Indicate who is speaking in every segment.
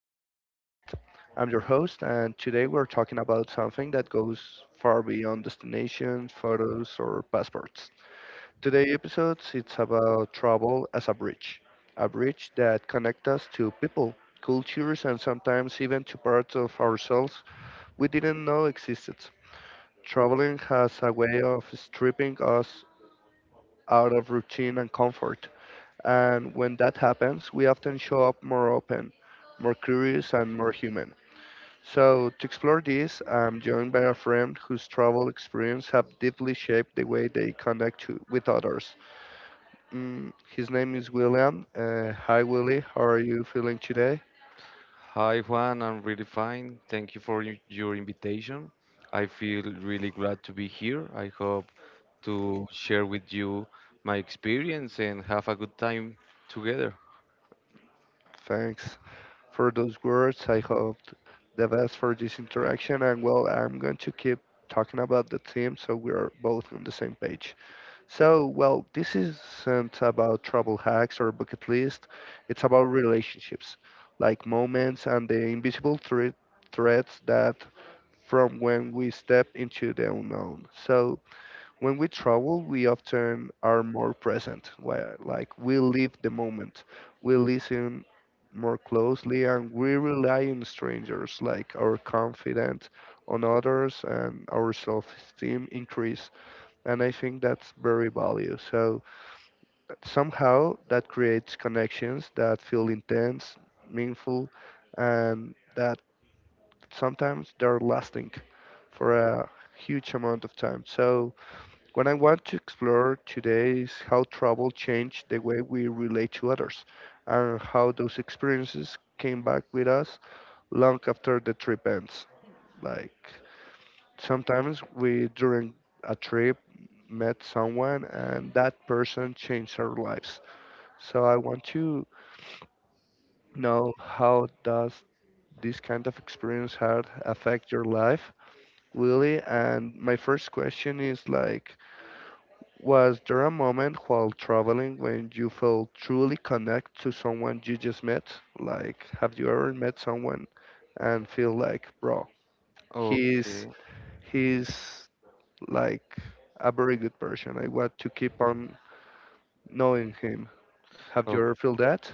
Speaker 1: Juan Podcast. I'm your host, and today we're talking about something that goes far beyond destinations, photos, or passports. Today's episode it's about travel as a bridge that connects us to people, cultures, and sometimes even to parts of ourselves we didn't know existed. Traveling has a way of stripping us out of routine and comfort and when that happens, we often show up more open, more curious, and more human. So, to explore this, I'm joined by a friend whose travel experience have deeply shaped the way they connect to, with others. His name is William. Hi, Willie. How are you feeling today?
Speaker 2: Hi Juan, I'm really fine. Thank you for your invitation. I feel really glad to be here. I hope to share with you my experience and have a good time together.
Speaker 1: Thanks for those words. I hope the best for this interaction. And well, I'm going to keep talking about the theme so we are both on the same page. So, well, this isn't about travel hacks or bucket list. It's about relationships, like moments and the invisible threads that from when we step into the unknown. So, when we travel, we often are more present. Like we live the moment, we listen more closely, and we rely on strangers, like our confidence on others and our self-esteem increase and I think that's very value. So somehow that creates connections that feel intense, meaningful, and that sometimes they're lasting for a huge amount of time. So what I want to explore today is how travel changed the way we relate to others and how those experiences came back with us long after the trip ends. Like sometimes we during a trip met someone and that person changed our lives, so I want to know how does this kind of experience had affect your life, lily, and my first question is like, was there a moment while traveling when you felt truly connect to someone you just met? Like, have you ever met someone and feel like bro, he's
Speaker 2: Okay.
Speaker 1: he's like a very good person. I want to keep on knowing him. Have you
Speaker 2: O-
Speaker 1: ever feel that?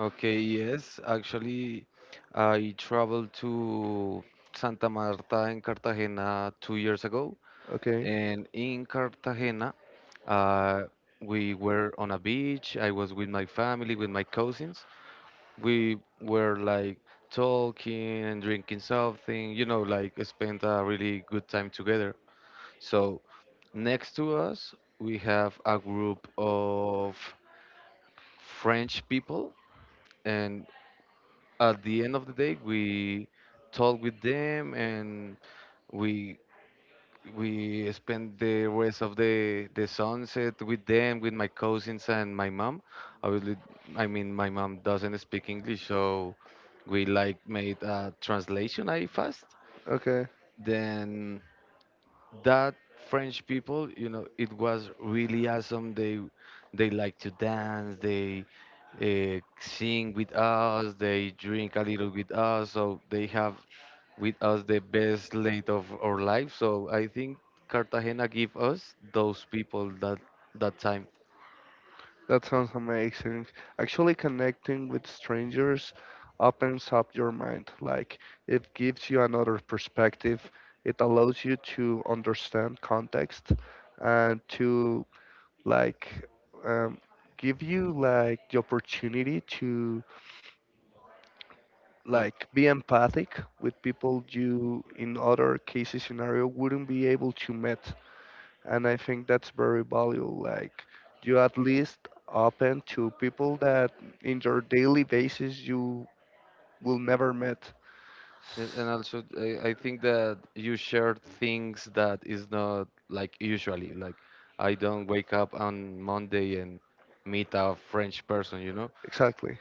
Speaker 2: Okay, yes. Actually, I traveled to Santa Marta and Cartagena 2 years ago.
Speaker 1: Okay,
Speaker 2: And in Cartagena, uh, we were on a beach. I was with my family, with my cousins. We were like talking and drinking something, you know, like spent a really good time together. So next to us, we have a group of French people, and at the end of the day, we talk with them and we we spend the rest of the sunset with them, with my cousins and my mom, obviously. I mean, my mom doesn't speak English, so we like made a translation I fast.
Speaker 1: okay,
Speaker 2: Then that French people, it was really awesome. They like to dance. They sing with us. They drink a little with us. So they have with us the best late of our life. So I think Cartagena give us those people, that time.
Speaker 1: That sounds amazing. Actually, connecting with strangers opens up your mind. Like it gives you another perspective. It allows you to understand context and to like um, give you like the opportunity to
Speaker 2: Like,
Speaker 1: like be empathic with people you in other cases scenario wouldn't be able to meet, and I think that's very valuable, like you at least open to people that in your daily basis you will never meet.
Speaker 2: yes, and
Speaker 1: S-
Speaker 2: also I think that you share things that is not like usually. Like I don't wake up on Monday and meet a French person, you know?
Speaker 1: exactly,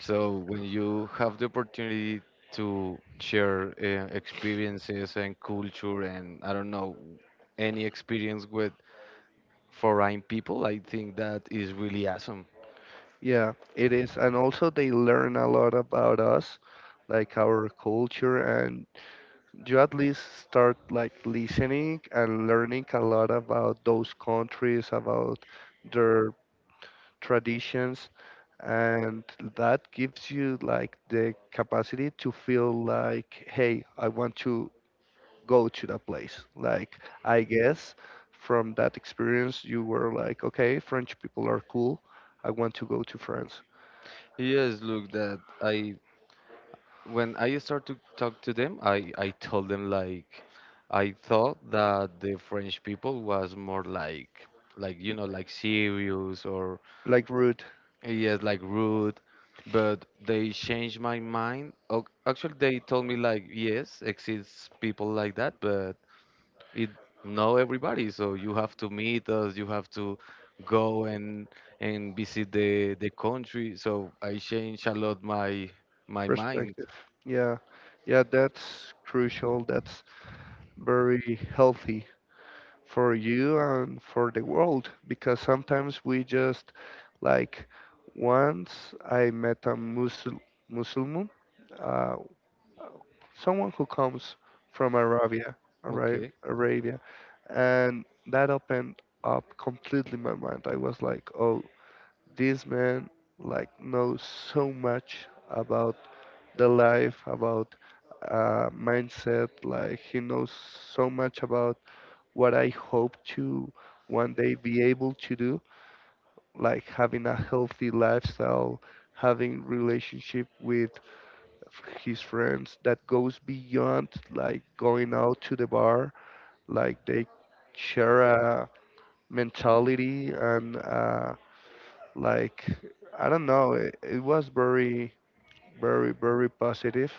Speaker 2: So when you have the opportunity to share experiences and culture and I don't know, any experience with foreign people, I think that is really awesome.
Speaker 1: yeah, it is and also they learn a lot about us, like our culture, and you at least start like listening and learning a lot about those countries, about their traditions, and that gives you like the capacity to feel like, hey, I want to go to that place, like I guess from that experience you were like, okay, french people are cool, I want to go to france
Speaker 2: Yes, look, that I when I start to talk to them, I told them like I thought that the French people was more like serious or
Speaker 1: like root.
Speaker 2: yes like rude, but they changed my mind. Actually, they told me like yes exists people like that, but it know everybody. So you have to meet us. You have to go and visit the country. So I changed a lot my mind.
Speaker 1: Perspective, yeah, yeah, that's crucial, that's very healthy for you and for the world because sometimes we just like, once I met a Musul Muslim, uh, someone who comes from Arabia,
Speaker 2: Okay.
Speaker 1: Arabia, and that opened up completely my mind. I was like, oh, this man like knows so much about the life, about mindset. Like he knows so much about what I hope to one day be able to do, like having a healthy lifestyle, having relationship with his friends that goes beyond like going out to the bar, like they share a mentality and like I don't know, it was very, very, very positive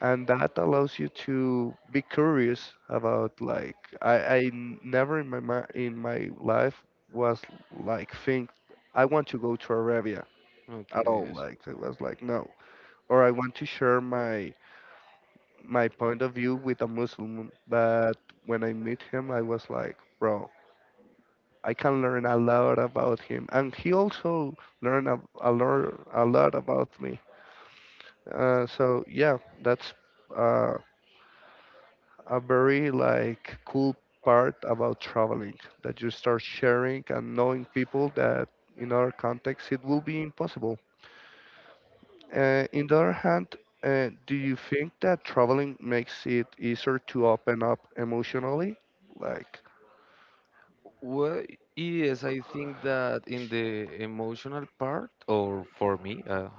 Speaker 1: and that allows you to be curious about like never in my life was like think I want to go to Arabia at
Speaker 2: Okay,
Speaker 1: all,
Speaker 2: yes.
Speaker 1: like it was like no, or I want to share my point of view with a Muslim, but when I meet him I was like bro, I can learn a lot about him and he also learned a lot about me. So yeah, that's uh, a very like cool part about traveling, that you start sharing and knowing people that in our context it will be impossible. In the other hand, do you think that traveling makes it easier to open up emotionally? Like,
Speaker 2: Well, yes, I think that in the emotional part, or for me,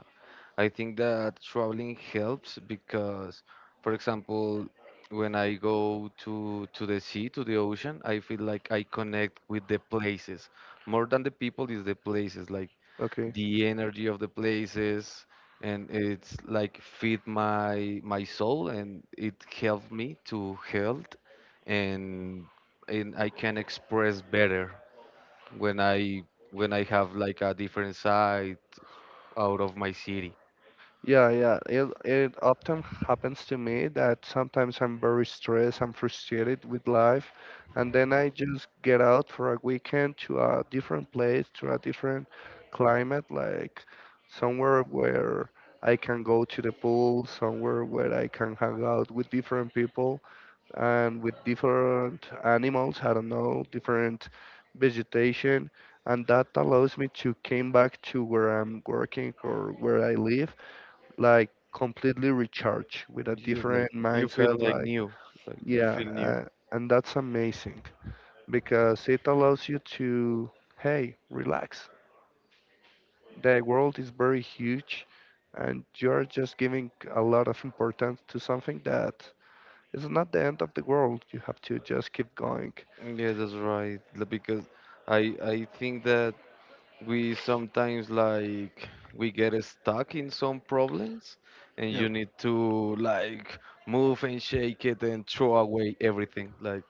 Speaker 2: I think that traveling helps because, for example, when I go to the sea, to the ocean, I feel like I connect with the places more than the people is the places. Like
Speaker 1: okay.
Speaker 2: the energy of the places, and it's like feed my soul, and it helped me to health, and I can express better when I have like a different side out of my city.
Speaker 1: Yeah, yeah. It often happens to me that sometimes I'm very stressed, I'm frustrated with life, and then I just get out for a weekend to a different place, to a different climate, like somewhere where I can go to the pool, somewhere where I can hang out with different people and with different animals, I don't know, different vegetation, and that allows me to came back to where I'm working or where I live like completely recharged with a
Speaker 2: And you just like
Speaker 1: different
Speaker 2: you feel
Speaker 1: mindset
Speaker 2: like
Speaker 1: like
Speaker 2: new, like you
Speaker 1: yeah.
Speaker 2: feel new.
Speaker 1: And that's amazing because it allows you to, hey, relax, the world is very huge and you're just giving a lot of importance to something that is not the end of the world, you have to just keep going.
Speaker 2: Yeah, that's right. Like, because I think that we sometimes like we get stuck in some problems, and
Speaker 1: Yeah,
Speaker 2: you need to like move and shake it and throw away everything. Like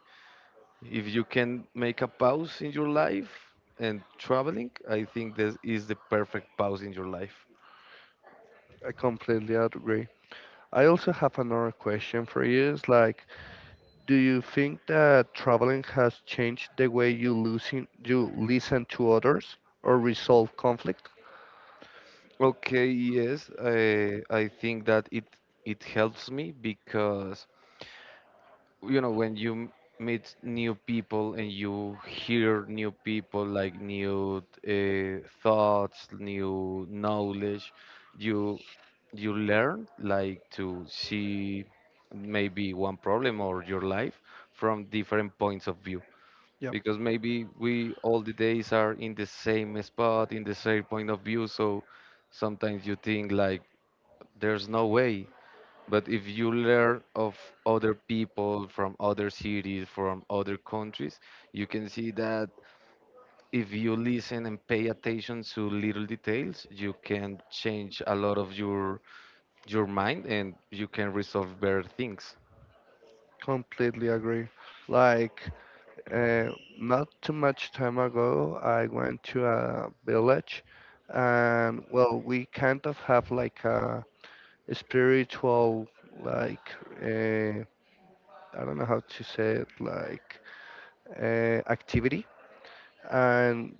Speaker 2: if you can make a pause in your life, and traveling, I think this is the perfect pause in your life.
Speaker 1: I completely agree. I also have another question for you, it's like, do you think that traveling has changed the way you listen to others or resolve conflict?
Speaker 2: Okay, yes, I think that it helps me because you know when you meet new people and you hear new people, like new thoughts, new knowledge, you you learn like to see maybe one problem or your life from different points of view.
Speaker 1: Yep.
Speaker 2: Because maybe we all the days are in the same spot, in the same point of view, so sometimes you think like there's no way. But if you learn of other people, from other cities, from other countries, you can see that if you listen and pay attention to little details, you can change a lot of your mind, and you can resolve better things.
Speaker 1: Completely agree. Like, uh, not too much time ago, I went to a village, and well, we kind of have like a spiritual, like, uh, I don't know how to say it, like, activity. And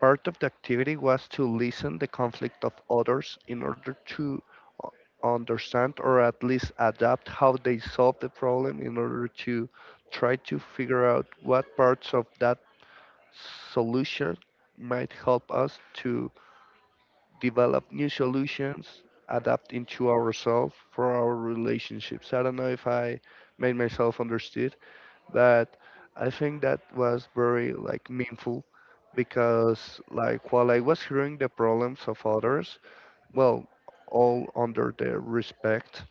Speaker 1: part of the activity was to listen the conflict of others in order to understand or at least adapt how they solve the problem in order to try to figure out what parts of that solution might help us to develop new solutions, adapt into ourselves for our relationships. I don't know if I made myself understood that I think that was very like meaningful, because like while I was hearing the problems of others, well, all under their respect,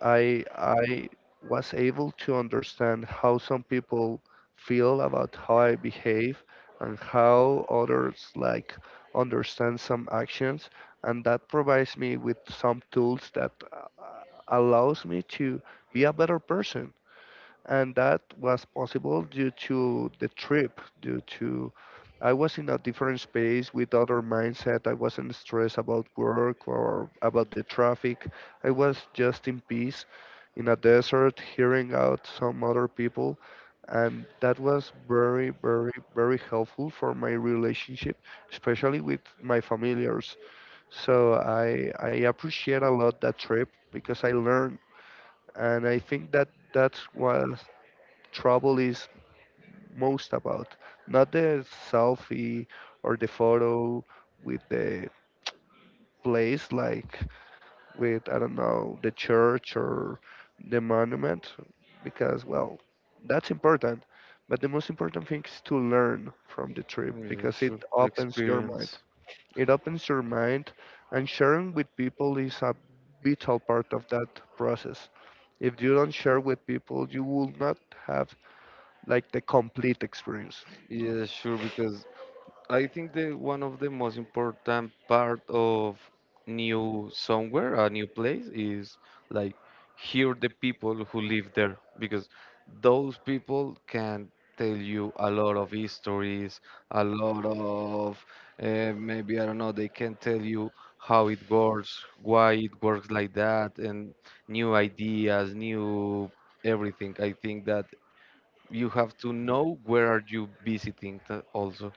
Speaker 1: I was able to understand how some people feel about how I behave and how others like understand some actions, and that provides me with some tools that allows me to be a better person, and that was possible due to the trip, due to I was in a different space with other mindset, I wasn't stressed about work or about the traffic, I was just in peace in a desert hearing out some other people, and that was very, very, very helpful for my relationship, especially with my familiars. So I appreciate a lot that trip because I learned, and I think that that's what trouble is most about, not the selfie or the photo with the place, like with, I don't know, the church or the monument, because, well, that's important. But the most important thing is to learn from the trip
Speaker 2: Yeah,
Speaker 1: because it
Speaker 2: sure. The
Speaker 1: opens your
Speaker 2: experience.
Speaker 1: mind. It opens your mind, and sharing with people is a vital part of that process. If you don't share with people, you will not have like the complete experience.
Speaker 2: Yeah, sure, because I think the one of the most important part of new somewhere, a new place, is like hear the people who live there, because those people can tell you a lot of histories, a lot of maybe I don't know. They can tell you how it works, why it works like that, and new ideas, new everything. I think that you have to know where are you visiting also.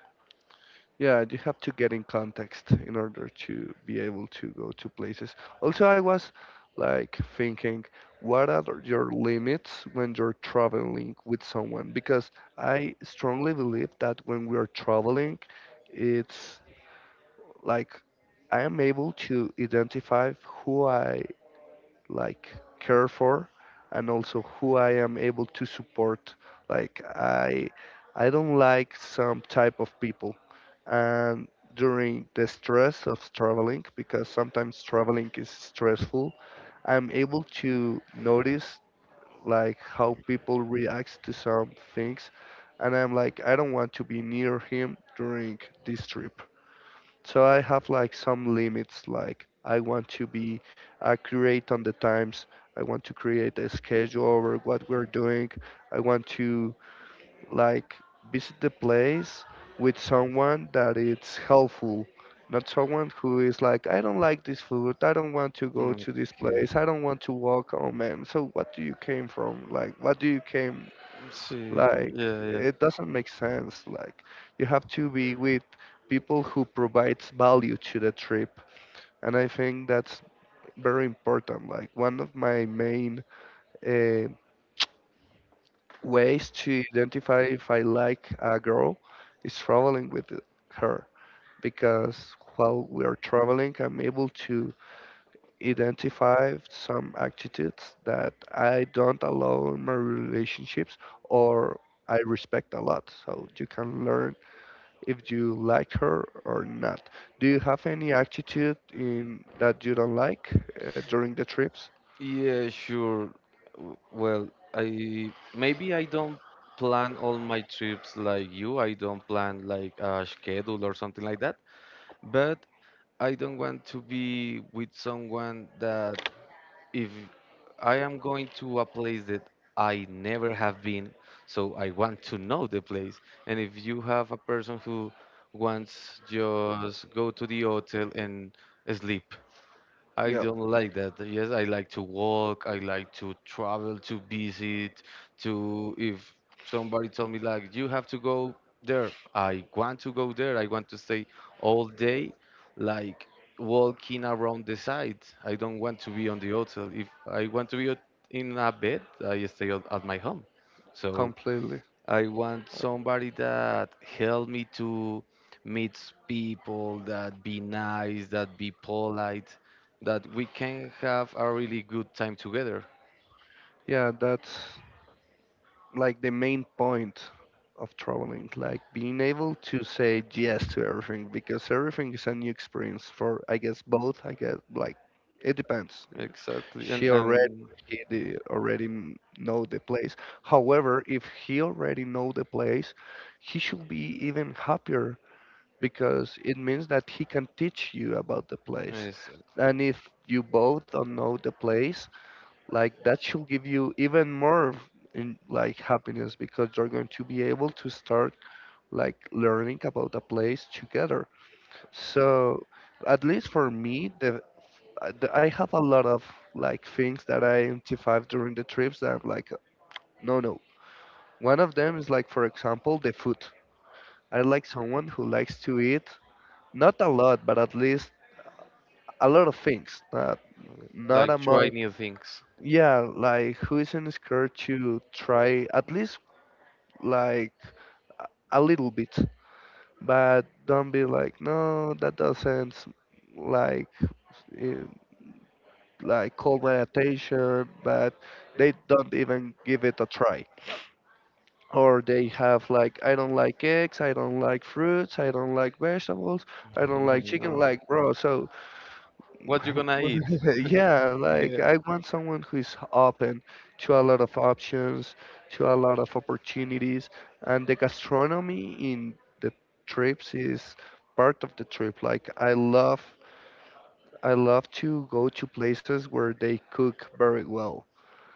Speaker 1: Yeah, you have to get in context in order to be able to go to places. Also, I was like thinking, what are your limits when you're traveling with someone? Because I strongly believe that when we are traveling, it's like I am able to identify who I like care for and also who I am able to support. Like I don't like some type of people and during the stress of traveling, because sometimes traveling is stressful, I'm able to notice like how people react to some things and I'm like, I don't want to be near him during this trip. So I have like some limits, like I want to be accurate on the times. I want to create a schedule over what we're doing. I want to like visit the place with someone that it's helpful, not someone who is like, I don't like this food, I don't want to go to this
Speaker 2: Okay.
Speaker 1: place, I don't want to walk. Oh man, so what do you came from? Like, what do you came?
Speaker 2: See,
Speaker 1: Like,
Speaker 2: yeah, yeah.
Speaker 1: it doesn't make sense. Like, you have to be with people who provides value to the trip, and I think that's very important. Like, one of my main uh, ways to identify if I like a girl is traveling with her, because while we are traveling, I'm able to identify some attitudes that I don't allow in my relationships or I respect a lot. So you can learn if you like her or not. Do you have any attitude in that you don't like during the trips?
Speaker 2: Yeah, sure. Well, I maybe I don't plan all my trips like you. I don't plan like a schedule or something like that. But I don't want to be with someone that if I am going to a place that I never have been, so I want to know the place. And if you have a person who wants just go to the hotel and sleep, I
Speaker 1: Yeah,
Speaker 2: don't like that. Yes, I like to walk. I like to travel, to visit, to if somebody told me like you have to go there, I want to go there. I want to stay all day, like walking around the site. I don't want to be on the hotel. If I want to be in a bed, I stay at my home. So
Speaker 1: completely.
Speaker 2: I want somebody that help me to meet people, that be nice, that be polite, that we can have a really good time together.
Speaker 1: Yeah, that's like the main point of traveling, like being able to say yes to everything because everything is a new experience for, I guess, both. I guess, like, it depends if
Speaker 2: Exactly,
Speaker 1: she
Speaker 2: and
Speaker 1: already
Speaker 2: and
Speaker 1: he already know the place. However, if he already know the place, he should be even happier because it means that he can teach you about the place.
Speaker 2: yes,
Speaker 1: And if you both don't know the place, like that should give you even more in like happiness because you're going to be able to start like learning about the place together.
Speaker 2: so-
Speaker 1: So at least for me, I have a lot of like things that I identify during the trips that I'm like, no, no. One of them is like, for example, the food. I like someone who likes to eat not a lot, but at least a lot of things that not
Speaker 2: like
Speaker 1: among
Speaker 2: try new things.
Speaker 1: yeah, like who isn't scared to try at least like a little bit but don't be like no that doesn't like eh, like call my attention but they don't even give it a try or they have like I don't like eggs, I don't like fruits, I don't like vegetables, I don't like chicken,
Speaker 2: No.
Speaker 1: like bro so
Speaker 2: What you gonna eat?
Speaker 1: yeah, like
Speaker 2: Yeah.
Speaker 1: I want someone who is open to a lot of options, to a lot of opportunities, and the gastronomy in the trips is part of the trip. Like I love to go to places where they cook very well.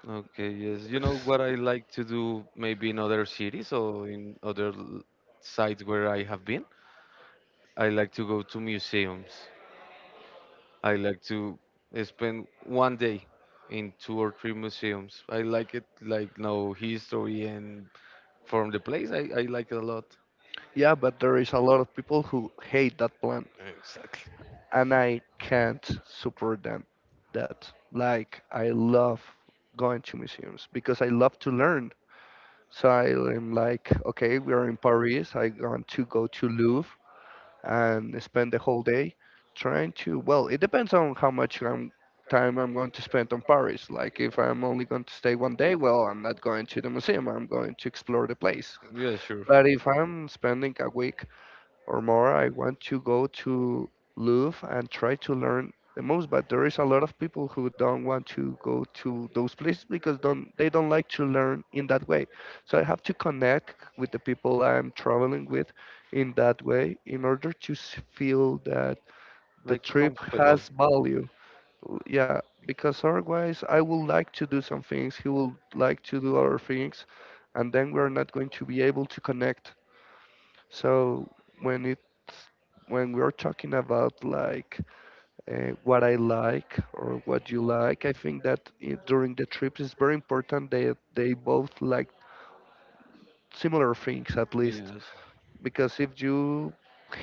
Speaker 2: Okay, yes. You know
Speaker 1: S-
Speaker 2: what I like to do maybe in other cities or in other sites where I have been? I like to go to museums. I like to spend one day in two or three museums. I like it, like no history and from the place. I like it a lot.
Speaker 1: Yeah, but there is a lot of people who hate that plan,
Speaker 2: Exactly.
Speaker 1: and I can't support them. That like I love going to museums because I love to learn. So I'm like, okay, we're in Paris. I want to go to Louvre and spend the whole day trying to, well, it depends on how much I'm, time I'm going to spend on Paris. Like if I'm only going to stay one day, well, I'm not going to the museum. I'm going to explore the place.
Speaker 2: Yeah, sure.
Speaker 1: But if I'm spending a week or more I want to go to Louvre and try to learn the most. But there is a lot of people who don't want to go to those places because don't they don't like to learn in that way. So I have to connect with the people I'm traveling with in that way in order to feel that the
Speaker 2: Like
Speaker 1: trip
Speaker 2: comfortable.
Speaker 1: has value. Yeah, because otherwise I would like to do some things, he will like to do other things, and then we're not going to be able to connect. So when it when we're talking about like what I like or what you like, I think that during the trips it's very important that they both like similar things at least.
Speaker 2: Yes.
Speaker 1: Because if you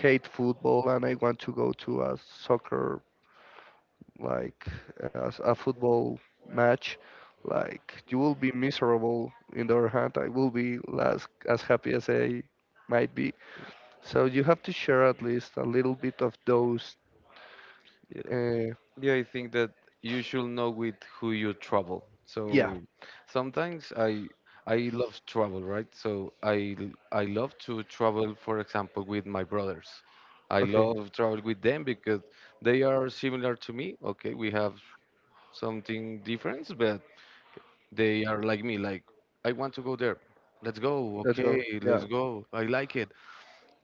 Speaker 1: hate football and I want to go to a soccer like a, a football match, like you will be miserable. In the other hand, I will be as happy as I might be. So you have to share at least a little bit of those. Uh,
Speaker 2: Yeah, I think that you should know with who you travel.
Speaker 1: yeah.
Speaker 2: So sometimes I love travel, right? So I love to travel, for example, with my brothers. I
Speaker 1: Okay.
Speaker 2: love travel with them because they are similar to me. Okay, we have something different, but they are like me. Like I want to go there. Let's go.
Speaker 1: Let's
Speaker 2: Okay,
Speaker 1: go. Yeah.
Speaker 2: let's go. I like it,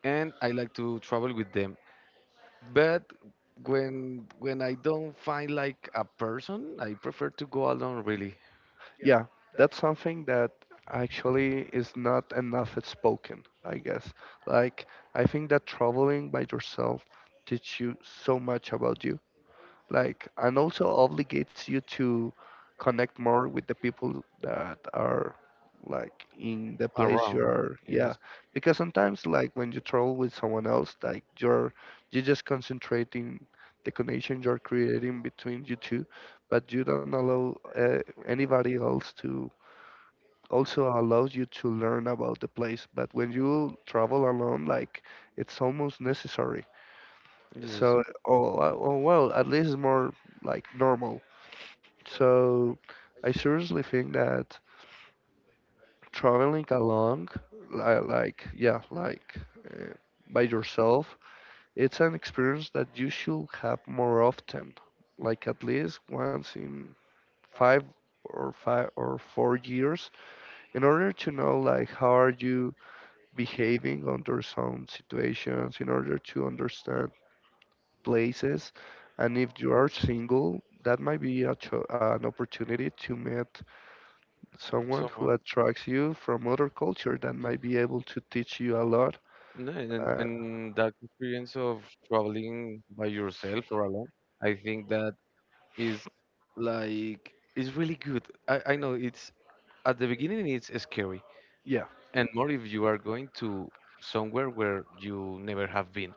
Speaker 2: and I like to travel with them. But when I don't find like a person, I prefer to go alone, really
Speaker 1: Yeah. That's something that actually is not enough spoken, I guess. Like, I think that traveling by yourself teach you so much about you. Like and also obligates you to connect more with the people that are like in the place
Speaker 2: around.
Speaker 1: you're, yeah,
Speaker 2: Yes,
Speaker 1: because sometimes like when you travel with someone else like you're just concentrating the connection you're creating between you two, but you don't allow anybody else to also allows you to learn about the place, but when you travel alone like it's almost necessary.
Speaker 2: yes.
Speaker 1: So oh, oh well, at least it's more like normal. So I seriously think that traveling along, like, yeah, like uh, by yourself, it's an experience that you should have more often, like at least once in five five or four years in order to know like how are you behaving under some situations in order to understand places, and if you are single that might be a an opportunity to meet someone
Speaker 2: Someone
Speaker 1: who attracts you from other culture that might be able to teach you a lot.
Speaker 2: no, and,
Speaker 1: Uh,
Speaker 2: and that experience of traveling by yourself or alone, I think that is like it's really good. I know it's at the beginning it's scary,
Speaker 1: yeah,
Speaker 2: and more if you are going to somewhere where you never have been.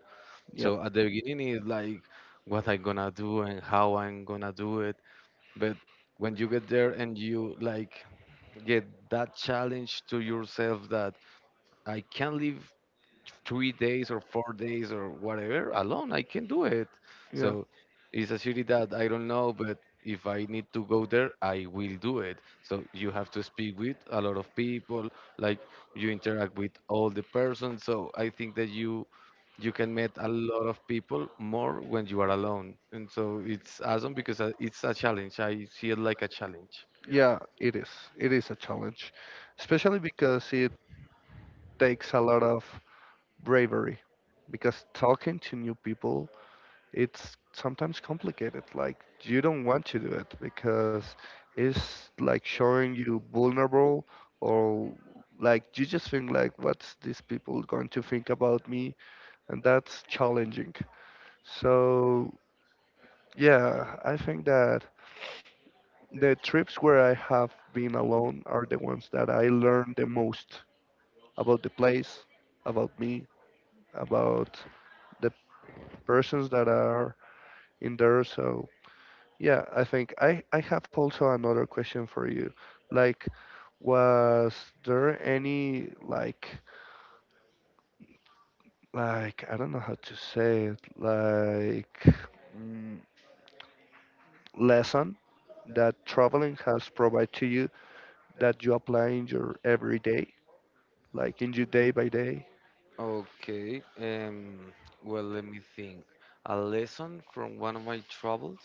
Speaker 1: yep,
Speaker 2: So at the beginning it's like what I'm gonna do and how I'm gonna do it. But when you get there and you like get that challenge to yourself, that I can live 3 days or 4 days or whatever alone, I can do it.
Speaker 1: yeah,
Speaker 2: So it's a city that I don't know, but if I need to go there, I will do it. So you have to speak with a lot of people, like you interact with all the persons. So I think that you can meet a lot of people more when you are alone. And so it's awesome because it's a challenge. I see it like a challenge.
Speaker 1: yeah. It is. It is a challenge, especially because it takes a lot of bravery. Because talking to new people, it's sometimes complicated. Like you don't want to do it because it's like showing you vulnerable or like you just think like what's these people going to think about me, and that's challenging. So, yeah, I think that the trips where I have been alone are the ones that I learn the most about the place, about me, about the persons that are in there. So, yeah, I think I have also another question for you. Like, was there any, like, I don't know how to say it, like, mm, lesson that traveling has provided to you that you apply in your everyday, like in your day by day.
Speaker 2: Okay, well, let me think. A lesson from one of my travels?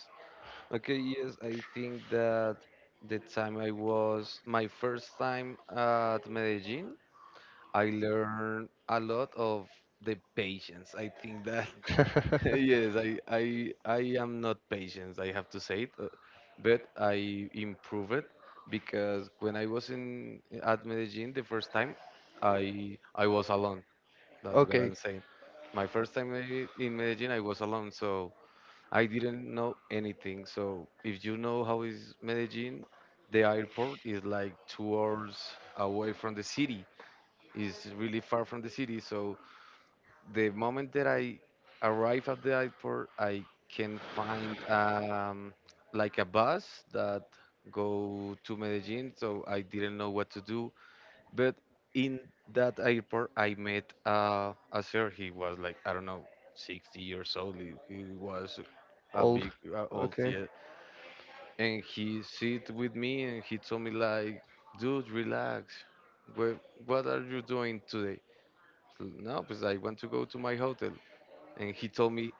Speaker 2: Okay, yes, I think that the time I was my first time at Medellin, I learned a lot of the patience. I think that yes, I am not patient, I have to say it, but I improve it, because when I was in at Medellin the first time, I was alone. That's what
Speaker 1: okay,
Speaker 2: I'm saying. My first time in Medellin, I was alone, so I didn't know anything. So if you know how is Medellin, the airport is like 2 hours away from the city. It's really far from the city. So the moment that I arrive at the airport, I can find like a bus that go to Medellin. So I didn't know what to do. But in that airport, I met a sir. He was like, I don't know, 60 years old. He was a
Speaker 1: old.
Speaker 2: big old,
Speaker 1: Okay,
Speaker 2: yeah. And he sit with me and he told me like, dude, relax. What, what are you doing today? So, no, because I want to go to my hotel. And he told me,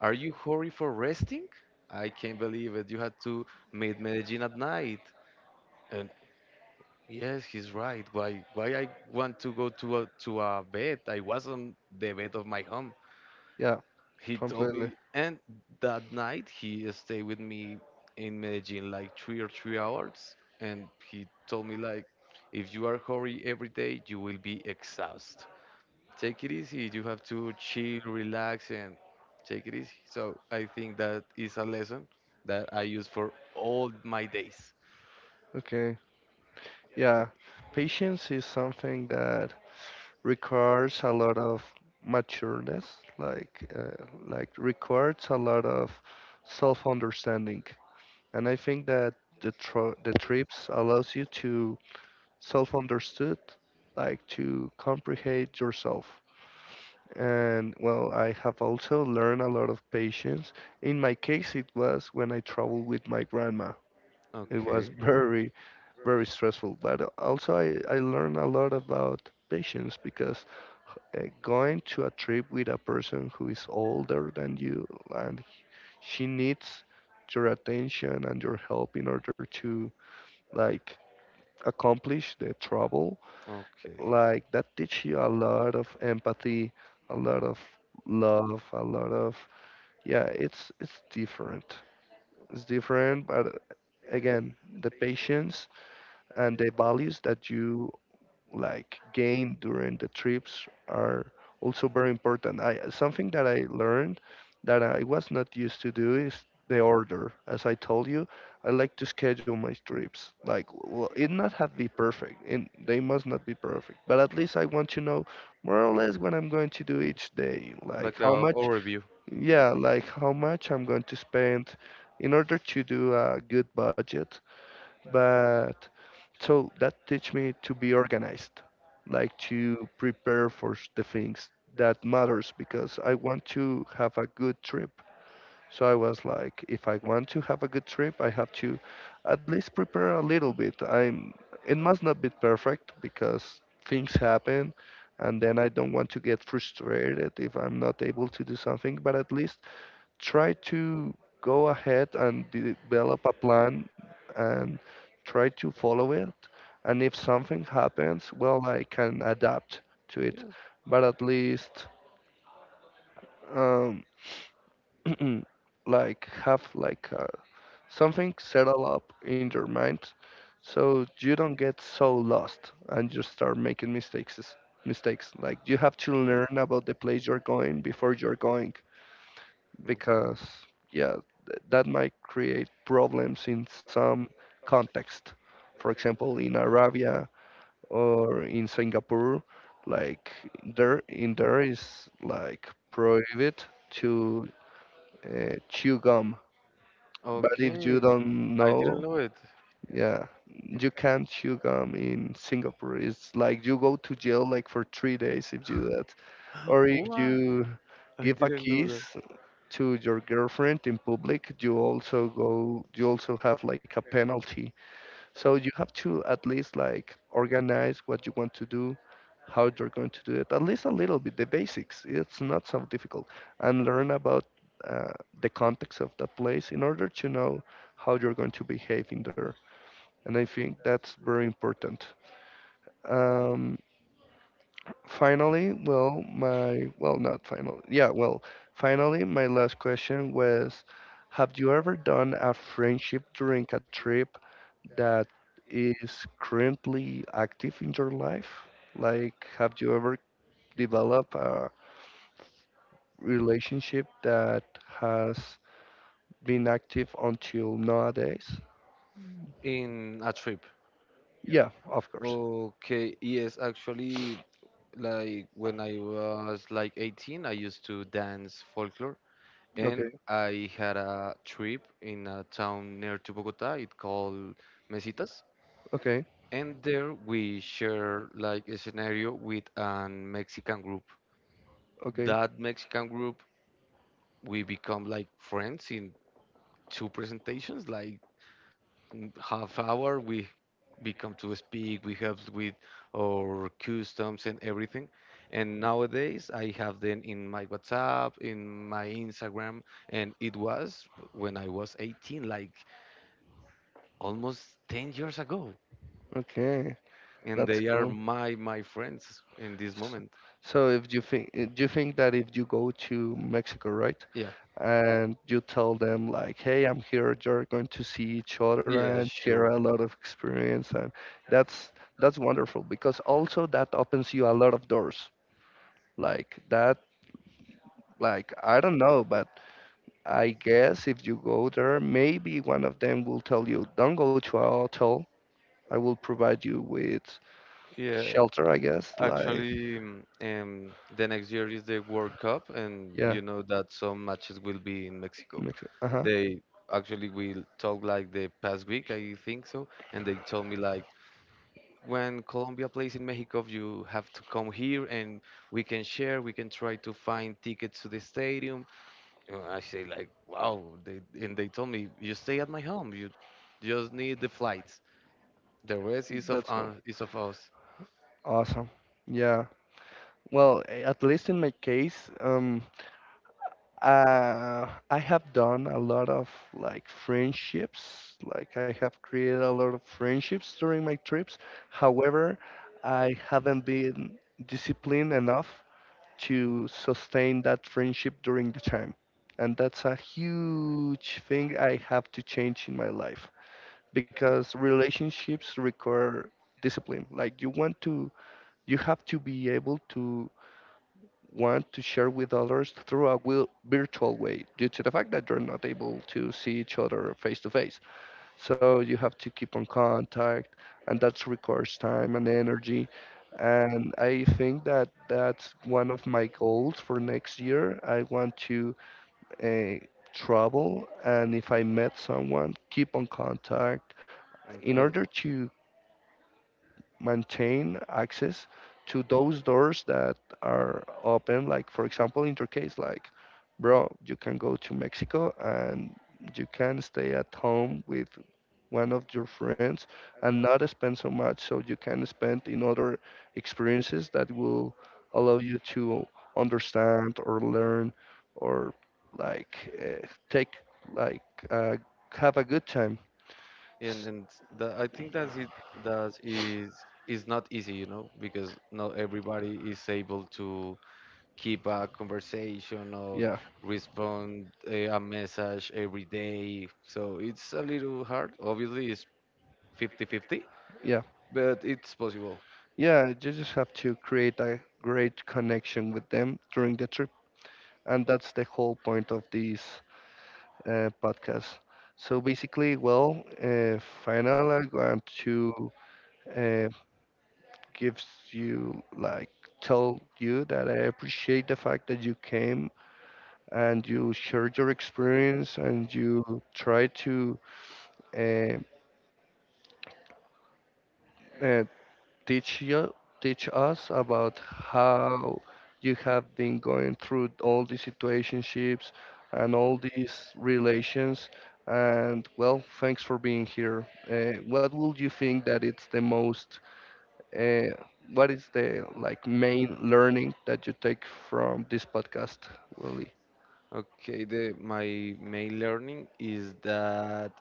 Speaker 2: are you hurry for resting? I can't believe it. You had to meet Medellin at night. And yes, he's right. Why I want to go to a bed? I was on the bed of my home.
Speaker 1: yeah,
Speaker 2: He told
Speaker 1: completely.
Speaker 2: me, and that night he stayed with me in Medellin like 3 or 3 hours, and he told me like if you are hurry every day you will be exhausted. Take it easy, you have to chill, relax, and take it easy. So I think that is a lesson that I use for all my days.
Speaker 1: Okay, yeah. Patience is something that requires a lot of matureness, like requires a lot of self-understanding. And I think that the tro the trips allows you to self-understood, like to comprehend yourself. And well, I have also learned a lot of patience. In my case, it was when I traveled with my grandma. It was
Speaker 2: Okay.
Speaker 1: very, very stressful. But also, I learned a lot about patience because going to a trip with a person who is older than you and she needs your attention and your help in order to like accomplish the travel,
Speaker 2: Okay.
Speaker 1: like that teach you a lot of empathy, a lot of love, a lot of yeah, it's different but again, the patience and the values that you like gain during the trips are also very important. I Something that I learned that I was not used to do is the order. As I told you, I like to schedule my trips like well, it not have be perfect and they must not be perfect but at least I want to know more or less what I'm going to do each day, like
Speaker 2: Like
Speaker 1: how
Speaker 2: a
Speaker 1: much
Speaker 2: overview.
Speaker 1: yeah, like how much I'm going to spend in order to do a good budget. But so that teach me to be organized, like to prepare for the things that matters because I want to have a good trip. So I was like, if I want to have a good trip, I have to at least prepare a little bit. I'm it must not be perfect because things happen and then I don't want to get frustrated if I'm not able to do something, but at least try to go ahead and develop a plan and try to follow it. And if something happens, well, I can adapt to it.
Speaker 2: Yes.
Speaker 1: But at least, um, like, have like something settle up in your mind, so you don't get so lost and you start making mistakes. Mistakes like you have to learn about the place you're going before you're going
Speaker 2: Okay.
Speaker 1: because yeah that might create problems in some context, for example in Arabia or in Singapore. Like there in there is like prohibited to chew gum, but if you
Speaker 2: Okay.
Speaker 1: don't
Speaker 2: I
Speaker 1: know,
Speaker 2: didn't know it.
Speaker 1: yeah, you can't chew gum in Singapore. It's like you go to jail like for 3 days if you do that, or if
Speaker 2: What?
Speaker 1: you
Speaker 2: I
Speaker 1: give a
Speaker 2: didn't know
Speaker 1: kiss
Speaker 2: that.
Speaker 1: to your girlfriend in public, you also go, you also have like a penalty. So you have to at least like organize what you want to do, how you're going to do it, at least a little bit, the basics. It's not so difficult, and learn about uh, the context of the place in order to know how you're going to behave in there. And I think that's very important. Um, Finally, well, my well, not final. Yeah, well, finally, my last question was, have you ever done a friendship during a trip that is currently active in your life? Like, have you ever developed a relationship that has been active until nowadays?
Speaker 2: In a trip.
Speaker 1: Yeah, of course.
Speaker 2: Okay, yes, actually, like when I was like 18, I used to dance folklore, and
Speaker 1: Okay,
Speaker 2: I had a trip in a town near to Bogota. It called Mesitas.
Speaker 1: okay,
Speaker 2: And there we share like a scenario with an Mexican group.
Speaker 1: okay,
Speaker 2: That Mexican group, we become like friends in two presentations, like half hour. We become to speak, we help with our customs and everything. And nowadays, I have them in my WhatsApp, in my Instagram, and it was when I was 18, like almost 10 years ago.
Speaker 1: okay.
Speaker 2: And
Speaker 1: That's
Speaker 2: they are
Speaker 1: cool.
Speaker 2: my friends in this
Speaker 1: S-
Speaker 2: moment.
Speaker 1: So if you think do you think that if you go to Mexico, right,
Speaker 2: Yeah.
Speaker 1: and you tell them like, "Hey, I'm here," you're going to see each other
Speaker 2: Yeah,
Speaker 1: and share
Speaker 2: sure.
Speaker 1: a lot of experience, and that's that's wonderful because also that opens you a lot of doors. Like that, like I don't know, but I guess if you go there, maybe one of them will tell you, "Don't go to a hotel. I will provide you with
Speaker 2: Yeah,
Speaker 1: shelter." I guess like
Speaker 2: actually, the next year is the World Cup, and
Speaker 1: yeah,
Speaker 2: you know that some matches will be in Mexico.
Speaker 1: Mexico. Uh huh.
Speaker 2: They actually will talk like the past week, I think so, and they told me like when Colombia plays in Mexico, you have to come here and we can share, we can try to find tickets to the stadium. And I say like, wow, they told me you stay at my home, you just need the flights. The rest is of
Speaker 1: That's how.
Speaker 2: us.
Speaker 1: Awesome. Yeah. Well, at least in my case, I have done a lot of like friendships. Like I have created a lot of friendships during my trips. However, I haven't been disciplined enough to sustain that friendship during the time. And that's a huge thing I have to change in my life because relationships require discipline. Like you want to you have to be able to want to share with others through a virtual way due to the fact that you're not able to see each other face to face. So you have to keep on contact, and that requires time and energy. And I think that that's one of my goals for next year. I want to uh, travel, and if I met someone, keep on contact in
Speaker 2: Okay.
Speaker 1: order to maintain access to those doors that are open. Like for example, in your case, like bro, you can go to Mexico and you can stay at home with one of your friends and not spend so much. So you can spend in other experiences that will allow you to understand or learn or like take like uh, have a good time.
Speaker 2: and
Speaker 1: S-
Speaker 2: and I think that it that is not easy, you know, because not everybody is able to keep a conversation or
Speaker 1: Yeah,
Speaker 2: respond a message every day. So it's a little hard. Obviously, it's 50-50,
Speaker 1: yeah.
Speaker 2: but it's possible.
Speaker 1: Yeah, you just have to create a great connection with them during the trip. And that's the whole point of this podcast. So basically, well, final, I'm going to uh, give you, like, tell you that I appreciate the fact that you came and you shared your experience and you try to uh, uh, teach you teach us about how you have been going through all these situationships and all these relations, and well, thanks for being here. What would you think that it's the most uh, what is the like main learning that you take from this podcast, Willie?
Speaker 2: Okay, the my main learning is that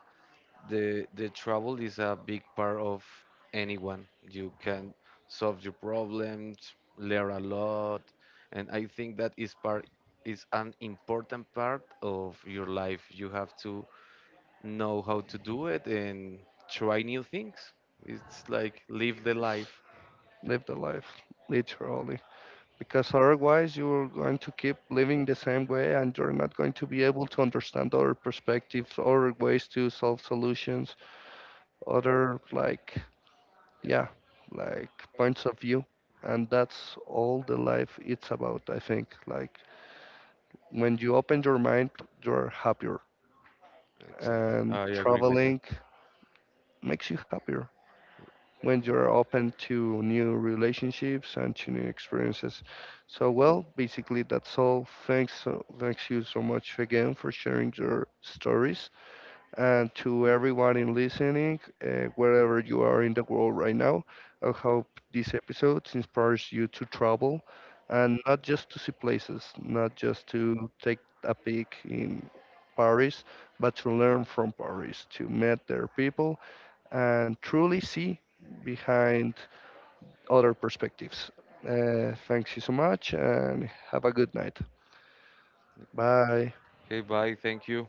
Speaker 2: the travel is a big part of anyone. You can solve your problems, learn a lot, and I think that is an important part of your life. You have to know how to do it and try new things. It's like live the life.
Speaker 1: Live the life, literally, because otherwise you're going to keep living the same way and you're not going to be able to understand other perspectives, other ways to solve solutions, other like yeah, like points of view. And that's all the life it's about, I think. Like when you open your mind, you're happier
Speaker 2: Exactly,
Speaker 1: and
Speaker 2: I agree with that.
Speaker 1: traveling makes you happier. When you're open to new relationships and to new experiences. So, well, basically that's all. Thanks, thanks you so much again for sharing your stories, and to everyone in listening, wherever you are in the world right now. I hope this episode inspires you to travel, and not just to see places, not just to take a peek in Paris, but to learn from Paris, to meet their people and truly see behind other perspectives. Thanks you so much and have a good night. Bye.
Speaker 2: Okay, bye, thank you.